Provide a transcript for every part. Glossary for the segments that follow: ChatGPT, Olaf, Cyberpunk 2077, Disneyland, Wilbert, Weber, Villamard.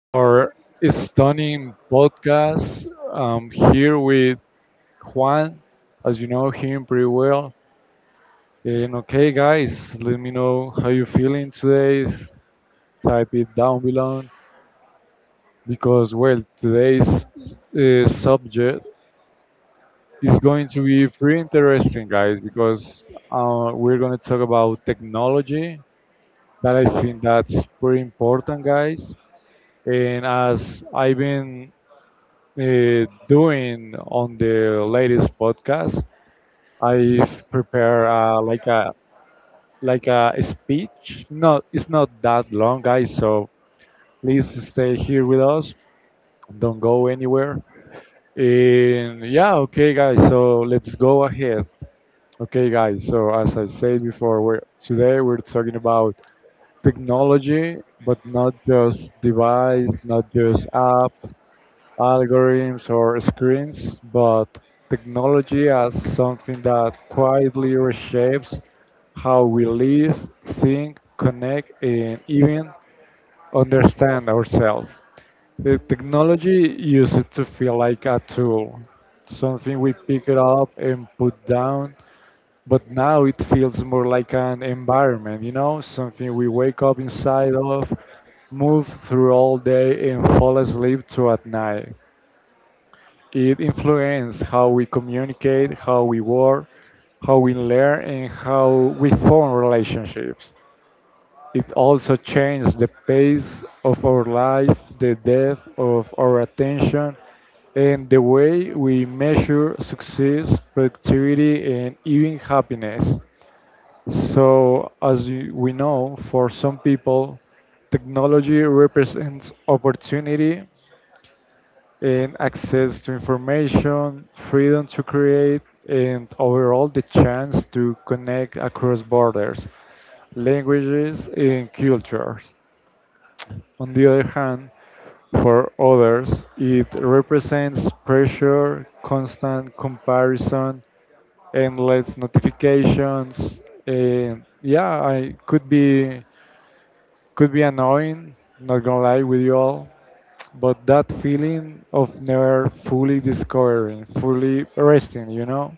our stunning podcast. I'm here with Juan, as you know him pretty well. And okay, guys, let me know how you're feeling today. Type it down below because, well, today's subject is going to be pretty interesting, guys, because we're going to talk about technology that I think that's pretty important, guys. And as I've been doing on the latest podcast. I've prepared like a speech. Not it's not that long, guys. So please stay here with us. Don't go anywhere. And yeah, okay, guys. So let's go ahead. Okay, guys. So as I said before, today we're talking about technology, but not just device, not just apps. Algorithms or screens, but technology as something that quietly reshapes how we live, think, connect, and even understand ourselves. The technology used to feel like a tool, something we pick it up and put down, but now it feels more like an environment, you know, something we wake up inside of, move through all day, and fall asleep to at night. It influences how we communicate, how we work, how we learn, and how we form relationships. It also changes the pace of our life, the depth of our attention, and the way we measure success, productivity, and even happiness. So, we know, for some people, technology represents opportunity, and access to information, freedom to create, and overall the chance to connect across borders, languages, and cultures. On the other hand, for others, it represents pressure, constant comparison, endless notifications, and yeah, I could be annoying, not gonna lie with you all, but that feeling of never fully discovering, fully resting, you know?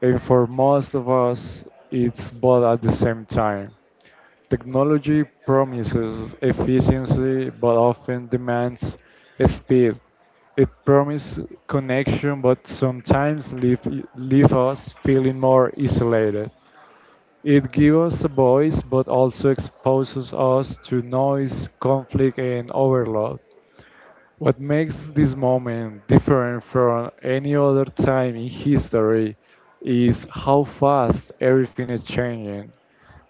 And for most of us, it's both at the same time. Technology promises efficiency but often demands speed. It promises connection but sometimes leave us feeling more isolated. It gives us a voice but also exposes us to noise, conflict, and overload. What makes this moment different from any other time in history is how fast everything is changing.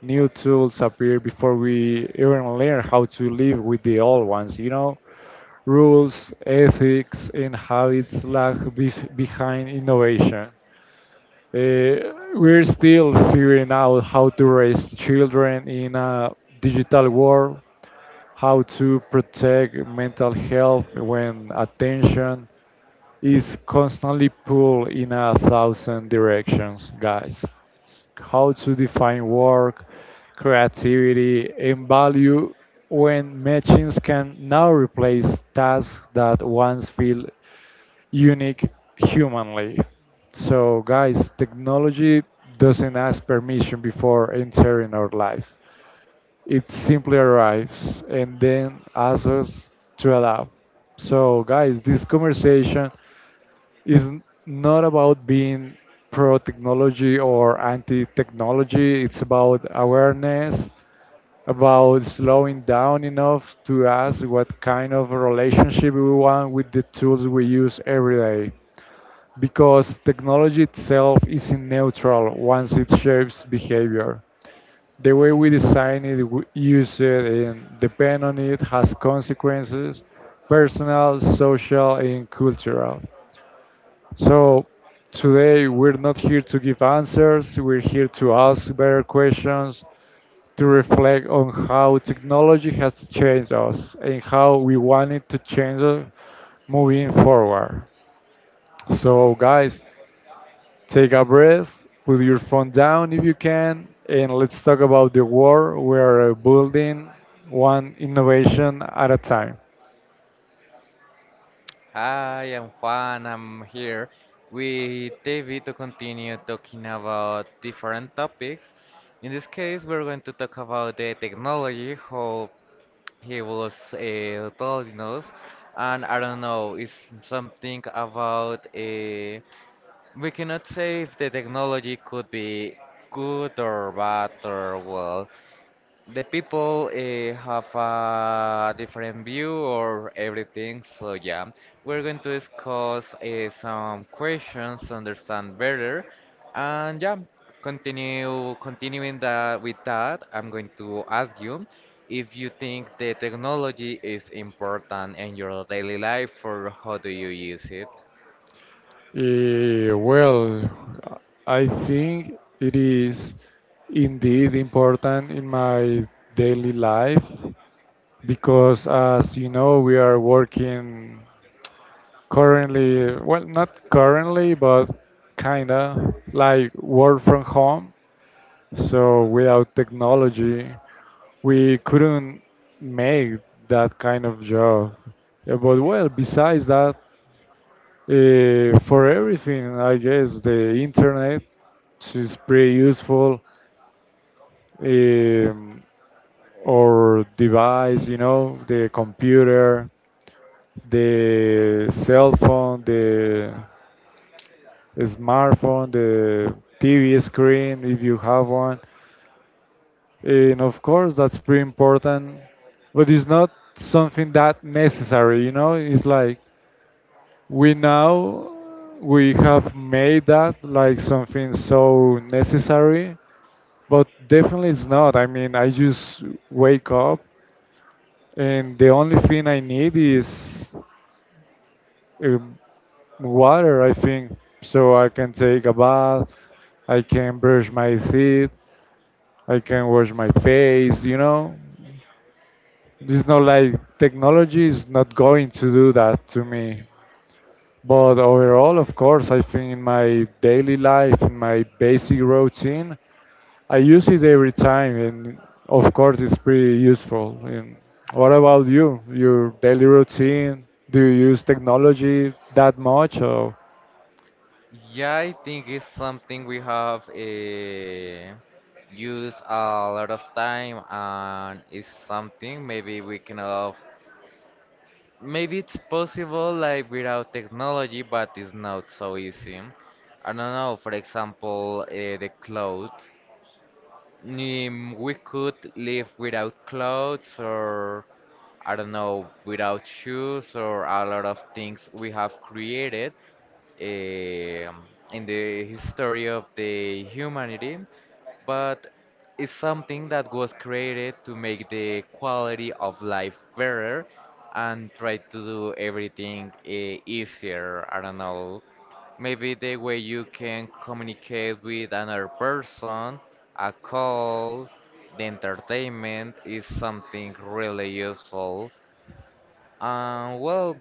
New tools appear before we even learn how to live with the old ones, you know? Rules, ethics, and habits behind innovation. We're still figuring out how to raise children in a digital world, how to protect mental health when attention, is constantly pulled in a thousand directions, guys. How to define work, creativity, and value when machines can now replace tasks that once feel unique humanly. So, guys, technology doesn't ask permission before entering our lives. It simply arrives and then asks us to adapt. So, guys, this conversation not about being pro technology or anti technology. It's about awareness, about slowing down enough to ask what kind of relationship we want with the tools we use every day. Because technology itself isn't neutral once it shapes behavior. The way we design it, use it, and depend on it has consequences personal, social, and cultural. So today we're not here to give answers, we're here to ask better questions, to reflect on how technology has changed us and how we want it to change us moving forward. So guys, take a breath, put your phone down if you can, and let's talk about the war we are building one innovation at a time. Hi, I'm Juan. I'm here with David to continue talking about different topics. In this case, we're going to talk about the technology, how he was telling us, and I don't know, it's something about we cannot say if the technology could be good or bad or well. The people have a different view or everything, so yeah, we're going to discuss some questions to understand better, and yeah, continue continuing that with that. I'm going to ask you if you think the technology is important in your daily life or how do you use it? Well, I think it is indeed important in my daily life because, as you know, we are working currently, well, not currently, but kinda like work from home. So without technology, we couldn't make that kind of job. Yeah. But well, besides that, for everything, I guess the internet is pretty useful. Um, or device, you know, the computer, the cell phone, the smartphone, the TV screen, if you have one. And of course, that's pretty important, but it's not something that necessary, you know? It's like we now we have made that like something so necessary but definitely it's not. I mean, I just wake up and the only thing I need is um, water, I think, so I can take a bath, I can brush my teeth, I can wash my face, you know, it's not like technology is not going to do that to me. But overall, of course, I think in my daily life, in my basic routine, I use it every time, and of course, it's pretty useful. And what about you? Your daily routine? Do you use technology that much? Or Yeah, I think it's something we have used a lot of time, and it's something maybe we can have. Maybe it's possible like without technology, but it's not so easy. I don't know. For example, the clothes. We could live without clothes, or I don't know, without shoes, or a lot of things we have created eh, in the history of the humanity, but it's something that was created to make the quality of life better and try to do everything easier. I don't know. Maybe the way you can communicate with another person, a call, the entertainment is something really useful. Well,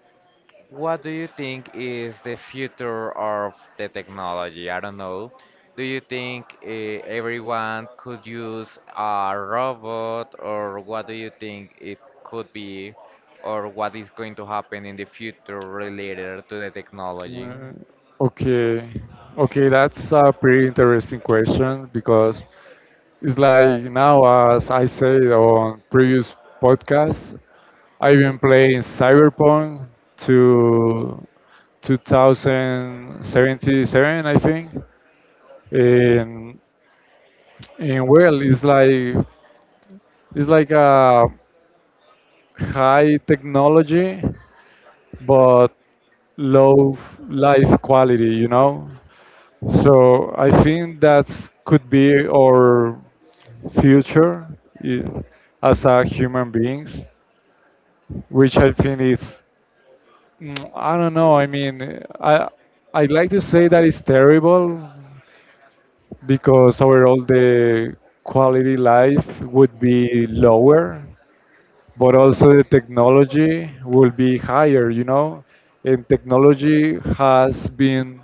what do you think is the future of the technology? I don't know. Do you think everyone could use a robot, or what do you think it could be, or what is going to happen in the future related to the technology? Uh, okay, okay, that's a pretty interesting question because it's like now, as I said on previous podcasts, I've been playing Cyberpunk to 2077, I think. And, and well, it's like a high technology, but low life quality, you know. So I think that's could be our future i- as a human beings, which I think is I don't know. I mean, I I would like to say that it's terrible because overall the quality life would be lower, but also the technology will be higher, you know. And technology has been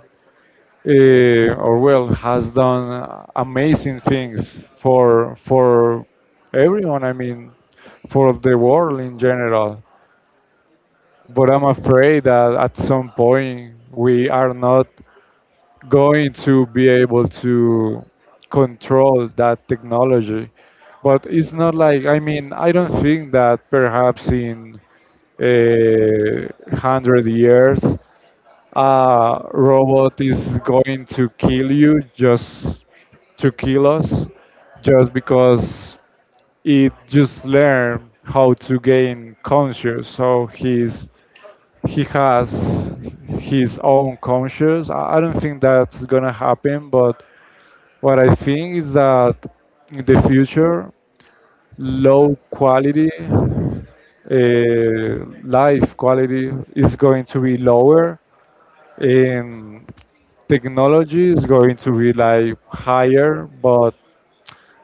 or well has done amazing things for everyone. I mean, for the world in general but I'm afraid that at some point we are not going to be able to control that technology. But it's not like, I mean, I don't think that perhaps in a hundred years a robot is going to kill you just to kill us, just because it just learned how to gain conscious. So he has his own conscience. I don't think that's gonna happen, but what I think is that in the future, low quality uh, life quality is going to be lower, and technology is going to be like higher, but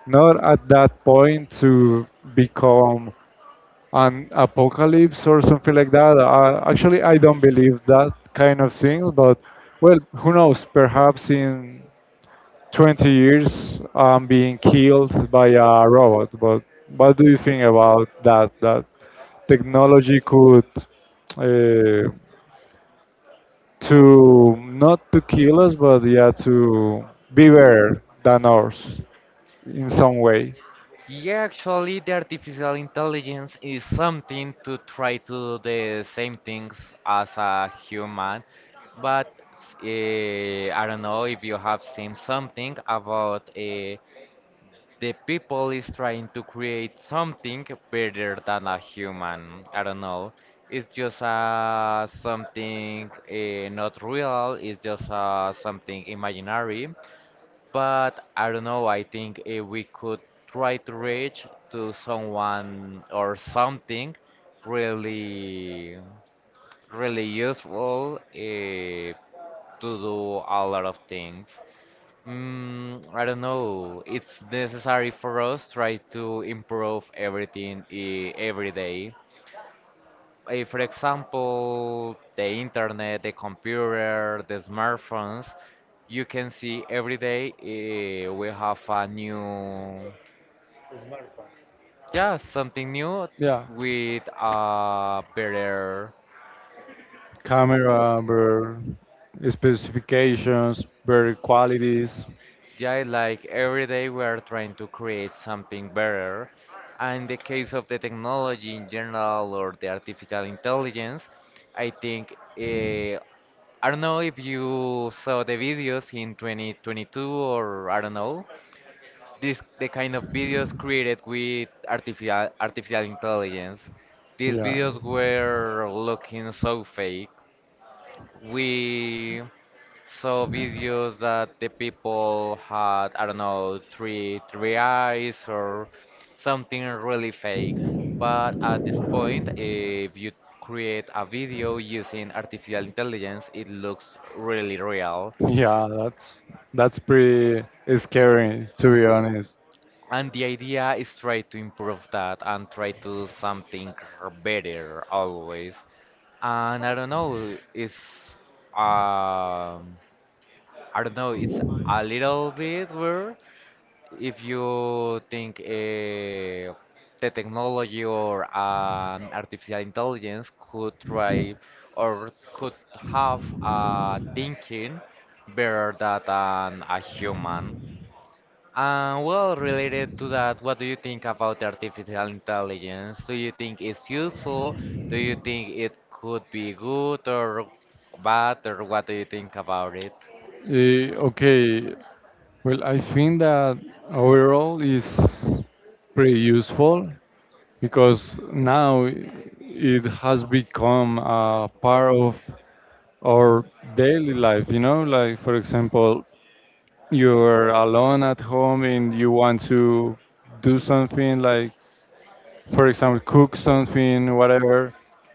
not at that point to become an apocalypse or something like that. Actually, I don't believe that kind of thing, but well, who knows? Perhaps in 20 years, I'm being killed by a robot. But what do you think about that? That technology could uh, to not to kill us, but yeah, to be better than ours in some way. Yeah, actually, the artificial intelligence is something to try to do the same things as a human, but I don't know if you have seen something about the people is trying to create something better than a human. I don't know. It's just something not real. It's just something imaginary but I don't know. I think if we could try to reach to someone or something really, really useful to do a lot of things. I don't know. It's necessary for us try to improve everything every day for example, the internet, the computer, the smartphones, you can see every day we have a new, yeah, something new Yeah. with a better, Camera, better specifications, better qualities. yeah, like every day we are trying to create something better. And in the case of the technology in general or the artificial intelligence, I think I don't know if you saw the videos in 2022 or I don't know, this the kind of videos created with artificial intelligence. These Yeah, videos were looking so fake. We saw videos that the people had I don't know three eyes or something really fake. But at this point, if you create a video using artificial intelligence, it looks really real. yeah, that's that's pretty scary to be honest. And the idea is try to improve that and try to do something better always. And I don't know, it's um I don't know, it's a little bit weird if you think the technology or an artificial intelligence could try or could have a thinking better than a human. Well, related to that, what do you think about the artificial intelligence? Do you think it's useful? Do you think it could be good or bad, or what do you think about it? Eh, okay, well, I think that overall is pretty useful because now it has become a part of our daily life. You know, like for example, you're alone at home and you want to do something like, for example, cook something, whatever,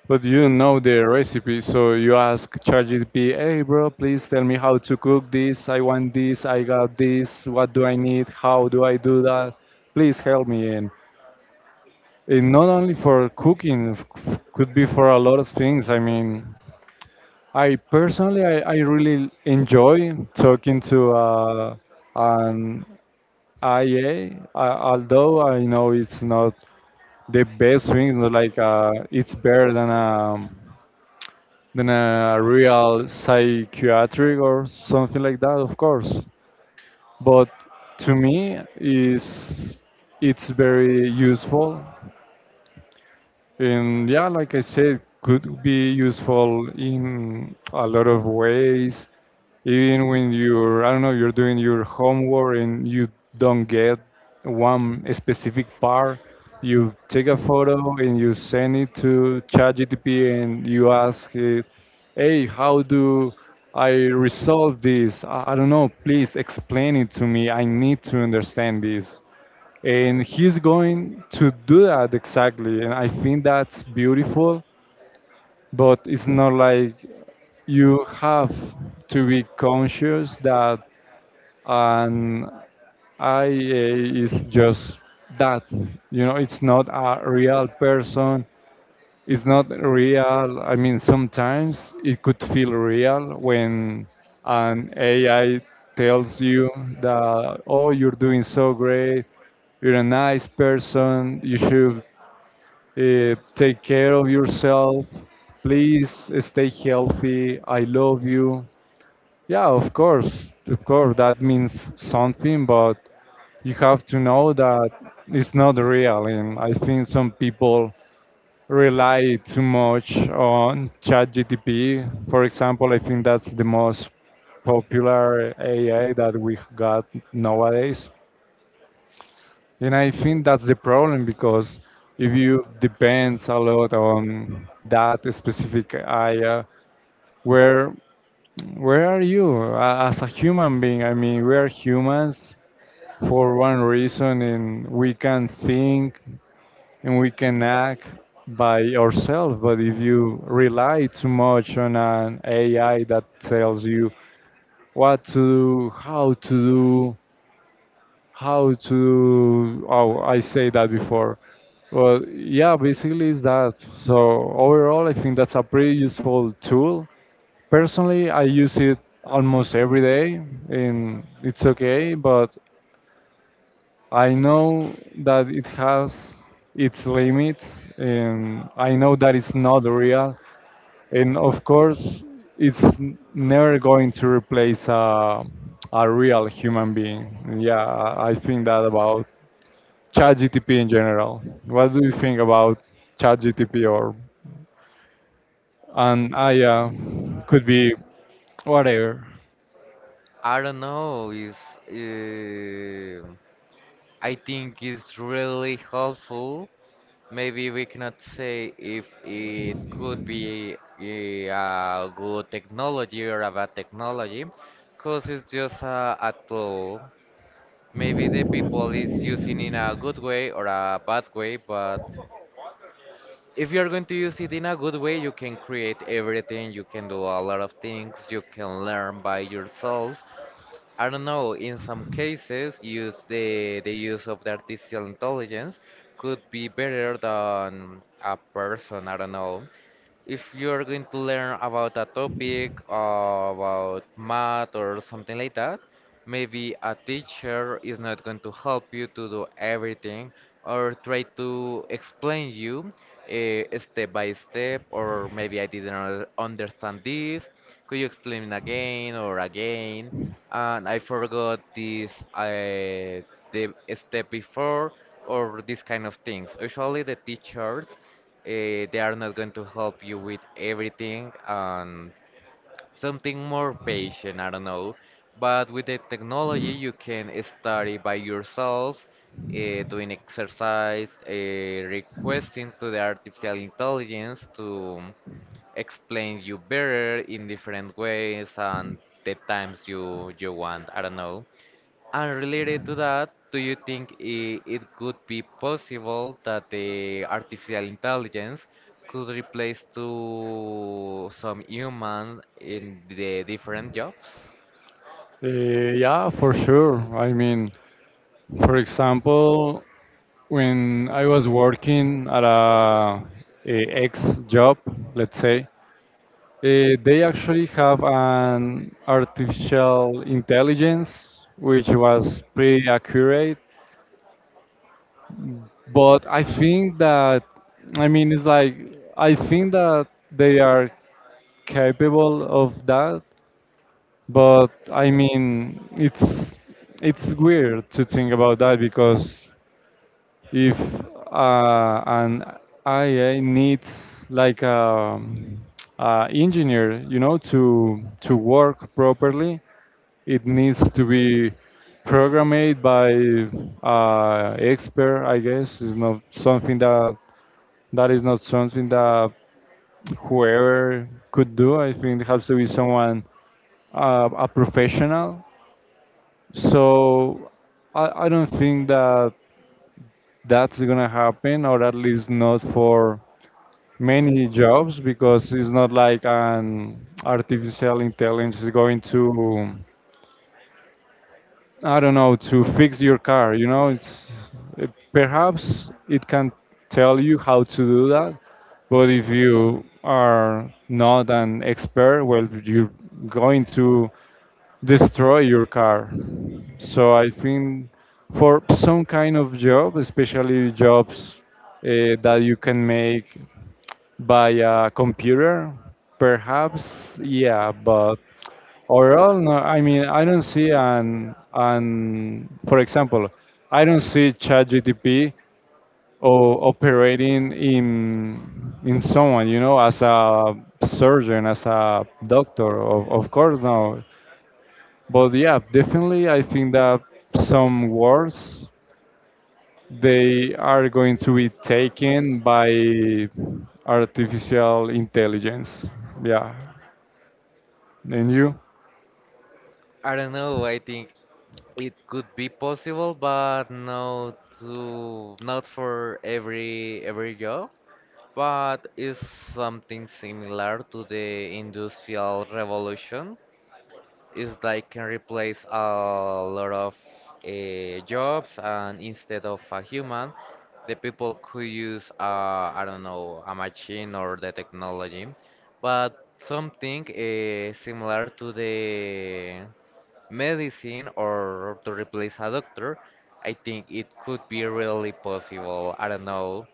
but you don't know the recipe, so you ask ChatGPT, hey bro, please tell me how to cook this, I want this, I got this, what do I need, how do I do that, please help me. And not only for cooking, could be for a lot of things. I mean, I personally, I really enjoy talking to an although I know it's not the best thing, it's not like it's better than a real psychiatric or something like that, of course. But to me, is it's very useful, and yeah, like I said, could be useful in a lot of ways. Even when you're, I don't know, you're doing your homework and you don't get one specific part, you take a photo and you send it to ChatGPT and you ask it, hey, how do I resolve this? I don't know, please explain it to me. I need to understand this. And he's going to do that exactly. And I think that's beautiful, but it's not like you have to be conscious that and IA is just that. You know, it's not a real person. It's not real. I mean, sometimes it could feel real when an AI tells you that, oh, you're doing so great, you're a nice person, you should take care of yourself, please stay healthy, I love you. Yeah, of course, that means something, but you have to know that it's not real. And I think some people rely too much on ChatGPT. For example, I think that's the most popular AI that we got nowadays. And I think that's the problem because if you depends a lot on that specific AI, where where are you as a human being? I mean, we are humans for one reason, and we can think, and we can act by ourselves. But if you rely too much on an AI that tells you what to do, how to do, how to, oh, I say that before. Well, yeah, basically it's that. So overall, I think that's a pretty useful tool. Personally, I use it almost every day, and it's okay. But I know that it has its limits, and I know that it's not real. And of course, it's never going to replace a real human being. Yeah, I think that about ChatGTP in general. What do you think about ChatGTP or and I A? Could be whatever. I don't know. Is uh, I think it's really helpful. Maybe we cannot say if it could be a good technology or a bad technology, because it's just a tool. Maybe the people is using in a good way or a bad way but if you're going to use it in a good way you can create everything you can do a lot of things you can learn by yourself. I don't know, in some cases use the use of the artificial intelligence could be better than a person. I don't know, if you're going to learn about a topic, about math or something like that, maybe a teacher is not going to help you to do everything or try to explain you step by step, or maybe I didn't understand this. Could you explain it again or again? And I forgot this the step before or this kind of things. Usually the teachers they are not going to help you with everything and something more patient, I don't know. But with the technology, you can study by yourself, doing exercise, requesting to the artificial intelligence to explain you better in different ways and the times you want. I don't know. And related to that, do you think it could be possible that the artificial intelligence could replace to some human in the different jobs? Uh, yeah, for sure. I mean, for example, when I was working at a ex job, let's say, they actually have an artificial intelligence which was pretty accurate. But I think that, I mean, it's like, I think that they are capable of that. But I mean, it's weird to think about that because if an AI needs like a engineer, you know, to work properly. It needs to be programmed by expert. I guess is not something that whoever could do. I think it has to be someone a professional. So I don't think that that's gonna happen, or at least not for many jobs, because it's not like an artificial intelligence is going to, I don't know, to fix your car. You know, perhaps it can tell you how to do that, but if you are not an expert, well, you're going to destroy your car. So I think for some kind of job, especially jobs that you can make by a computer, perhaps, yeah, but overall, no. I mean, I don't see an for example, I don't see ChatGPT or operating in someone, you know, as a surgeon, as a doctor, of course, no. But yeah, definitely, I think that some wars they are going to be taken by artificial intelligence. Yeah, and you? I don't know. I think it could be possible, but not for every job. But it's something similar to the industrial revolution. Is like can replace a lot of jobs, and instead of a human, the people could use I don't know a machine or the technology, but something similar to the medicine or to replace a doctor. I think it could be really possible. I don't know.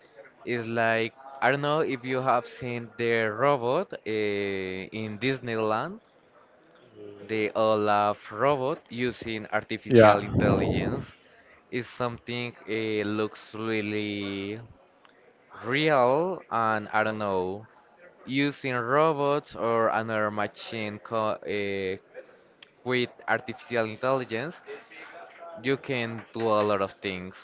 It's like I don't know if you have seen the robot in Disneyland, the Olaf robot using artificial Yeah, intelligence, is something it looks really real, and I don't know. Using robots or another machine with artificial intelligence you can do a lot of things.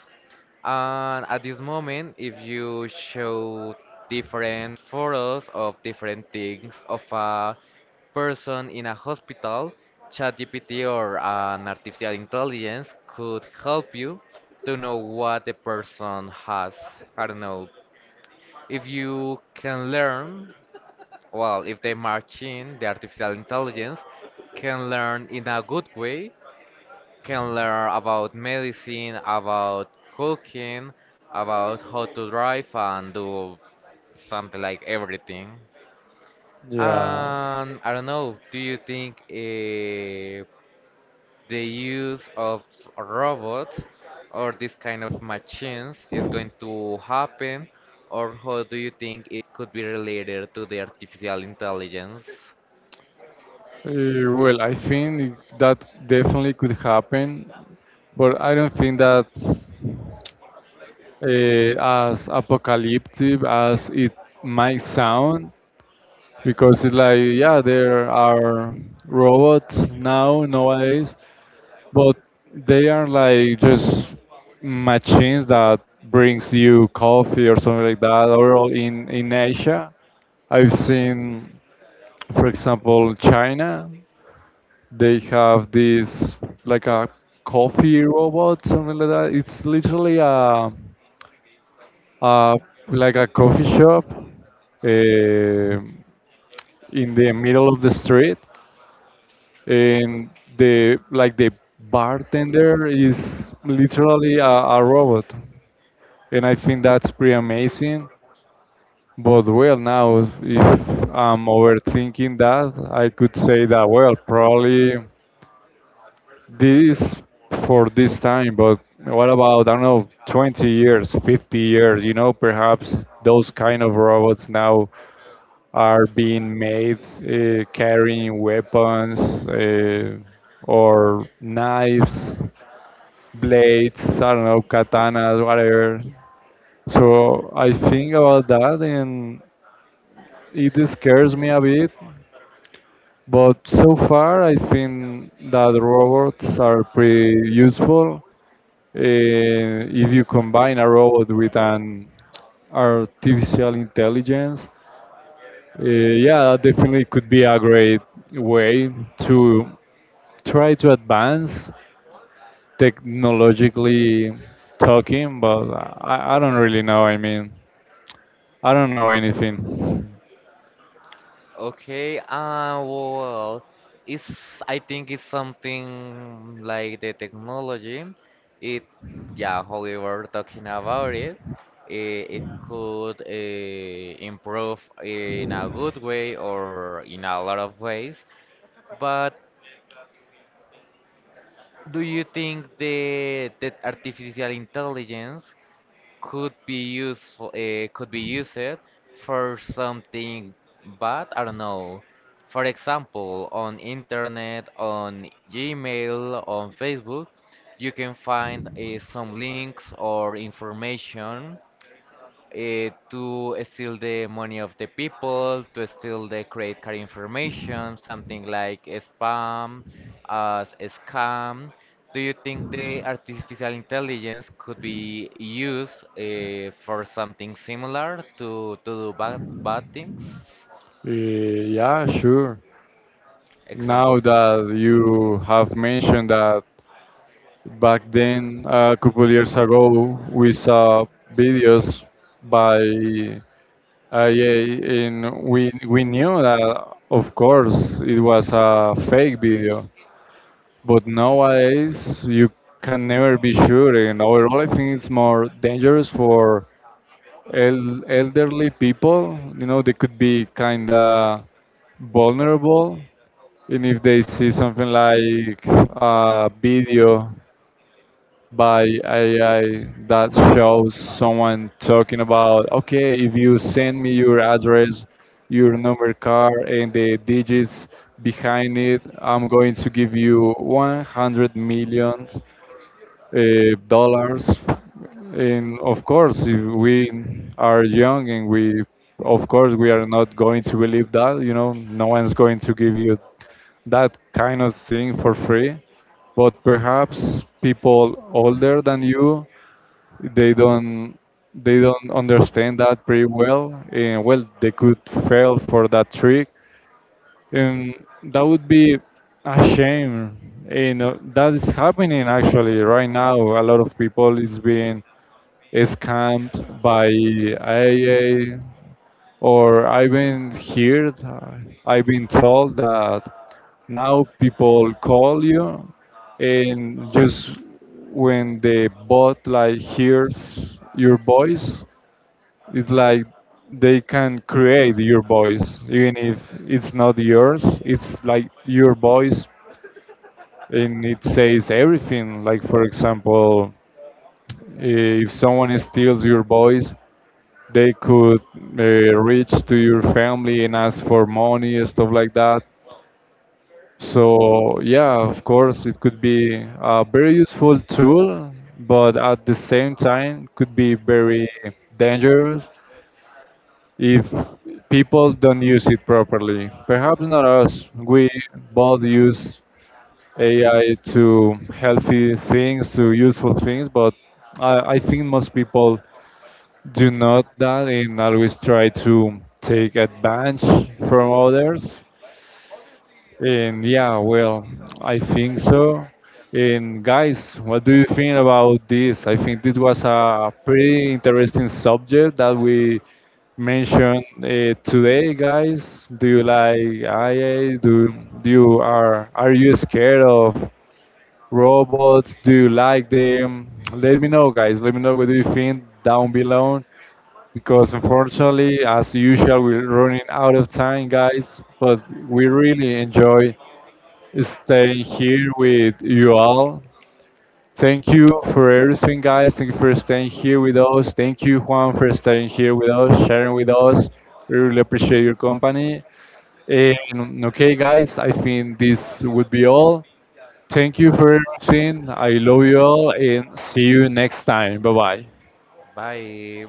And at this moment, if you show different photos of different things of a person in a hospital, ChatGPT or an artificial intelligence could help you to know what the person has. I don't know. If you can learn, well, if the machine, the artificial intelligence, can learn in a good way, can learn about medicine, about cooking, about how to drive and do something like everything. yeah. And I don't know, do you think the use of robots or this kind of machines is going to happen? Or how do you think it could be related to the artificial intelligence? Well, I think that definitely could happen, but I don't think that's uh, as apocalyptic as it might sound, because it's like, yeah, there are robots now nowadays. But they are like just machines that brings you coffee or something like that. Or all in Asia, I've seen, for example, China. They have this, like, a coffee robot, something like that. It's literally a like a coffee shop uh, in the middle of the street, and the bartender is literally a robot, and I think that's pretty amazing. But well, now if I'm overthinking that, I could say that, well, probably this for this time. But what about, I don't know, 20 years, 50 years, you know, perhaps those kind of robots now are being made carrying weapons, uh, or knives, blades, I don't know, katanas, whatever. So I think about that, and it scares me a bit. But so far, I think that robots are pretty useful. If you combine a robot with an artificial intelligence, yeah, that definitely could be a great way to try to advance technologically talking, but I don't really know. I mean, I don't know anything. Okay, well, it's I think it's something like the technology. It, yeah, how we were talking about it, it could improve in a good way or in a lot of ways. But do you think the that artificial intelligence could be useful could be used for something bad. I don't know, for example on internet, on Gmail, on Facebook you can find some links or information to steal the money of the people, to steal the credit card information, something like spam, as a scam. Do you think the artificial intelligence could be used for something similar to do bad things? Yeah, sure. Now Examples. that you have mentioned that, back then, a couple years ago, we saw videos by IA, and we knew that, of course, it was a fake video. But nowadays, you can never be sure. And overall, I think it's more dangerous for elderly people. You know, they could be kind of vulnerable. And if they see something like a video by AI that shows someone talking about, okay, if you send me your address, your number card, and the digits behind it, I'm going to give you 100 million uh, dollars. And of course, if we are young, and we, of course, we are not going to believe that. You know, no one's going to give you that kind of thing for free, but perhaps people older than you, they don't they don't understand that pretty well, and well, they could fail for that trick, and that would be a shame. You know that is happening actually right now. A lot of people is being scammed by AIA, or I've been told that now people call you, and just when the bot, like, hears your voice, it's like they can create your voice even if it's not yours. It's like your voice, and it says everything. Like, for example, if someone steals your voice, they could reach to your family and ask for money and stuff like that. So yeah, of course, it could be a very useful tool, but at the same time could be very dangerous if people don't use it properly. Perhaps not us. We both use AI to healthy things, to useful things, but I think most people do not that and always try to take advantage from others. And yeah, well, I think so. And guys, what do you think about this? I think this was a pretty interesting subject that we mentioned today, guys. Do you like IA? Do, do you are you scared of robots? Do you like them? Let me know, guys. Let me know what do you think down below, because unfortunately, as usual, we're running out of time, guys. But we really enjoy staying here with you all. Thank you for everything, guys. Thank you for staying here with us. Thank you, Juan, for staying here with us, sharing with us. We really appreciate your company. And okay, guys, I think this would be all. Thank you for everything. I love you all, and see you next time. Bye bye. Bye.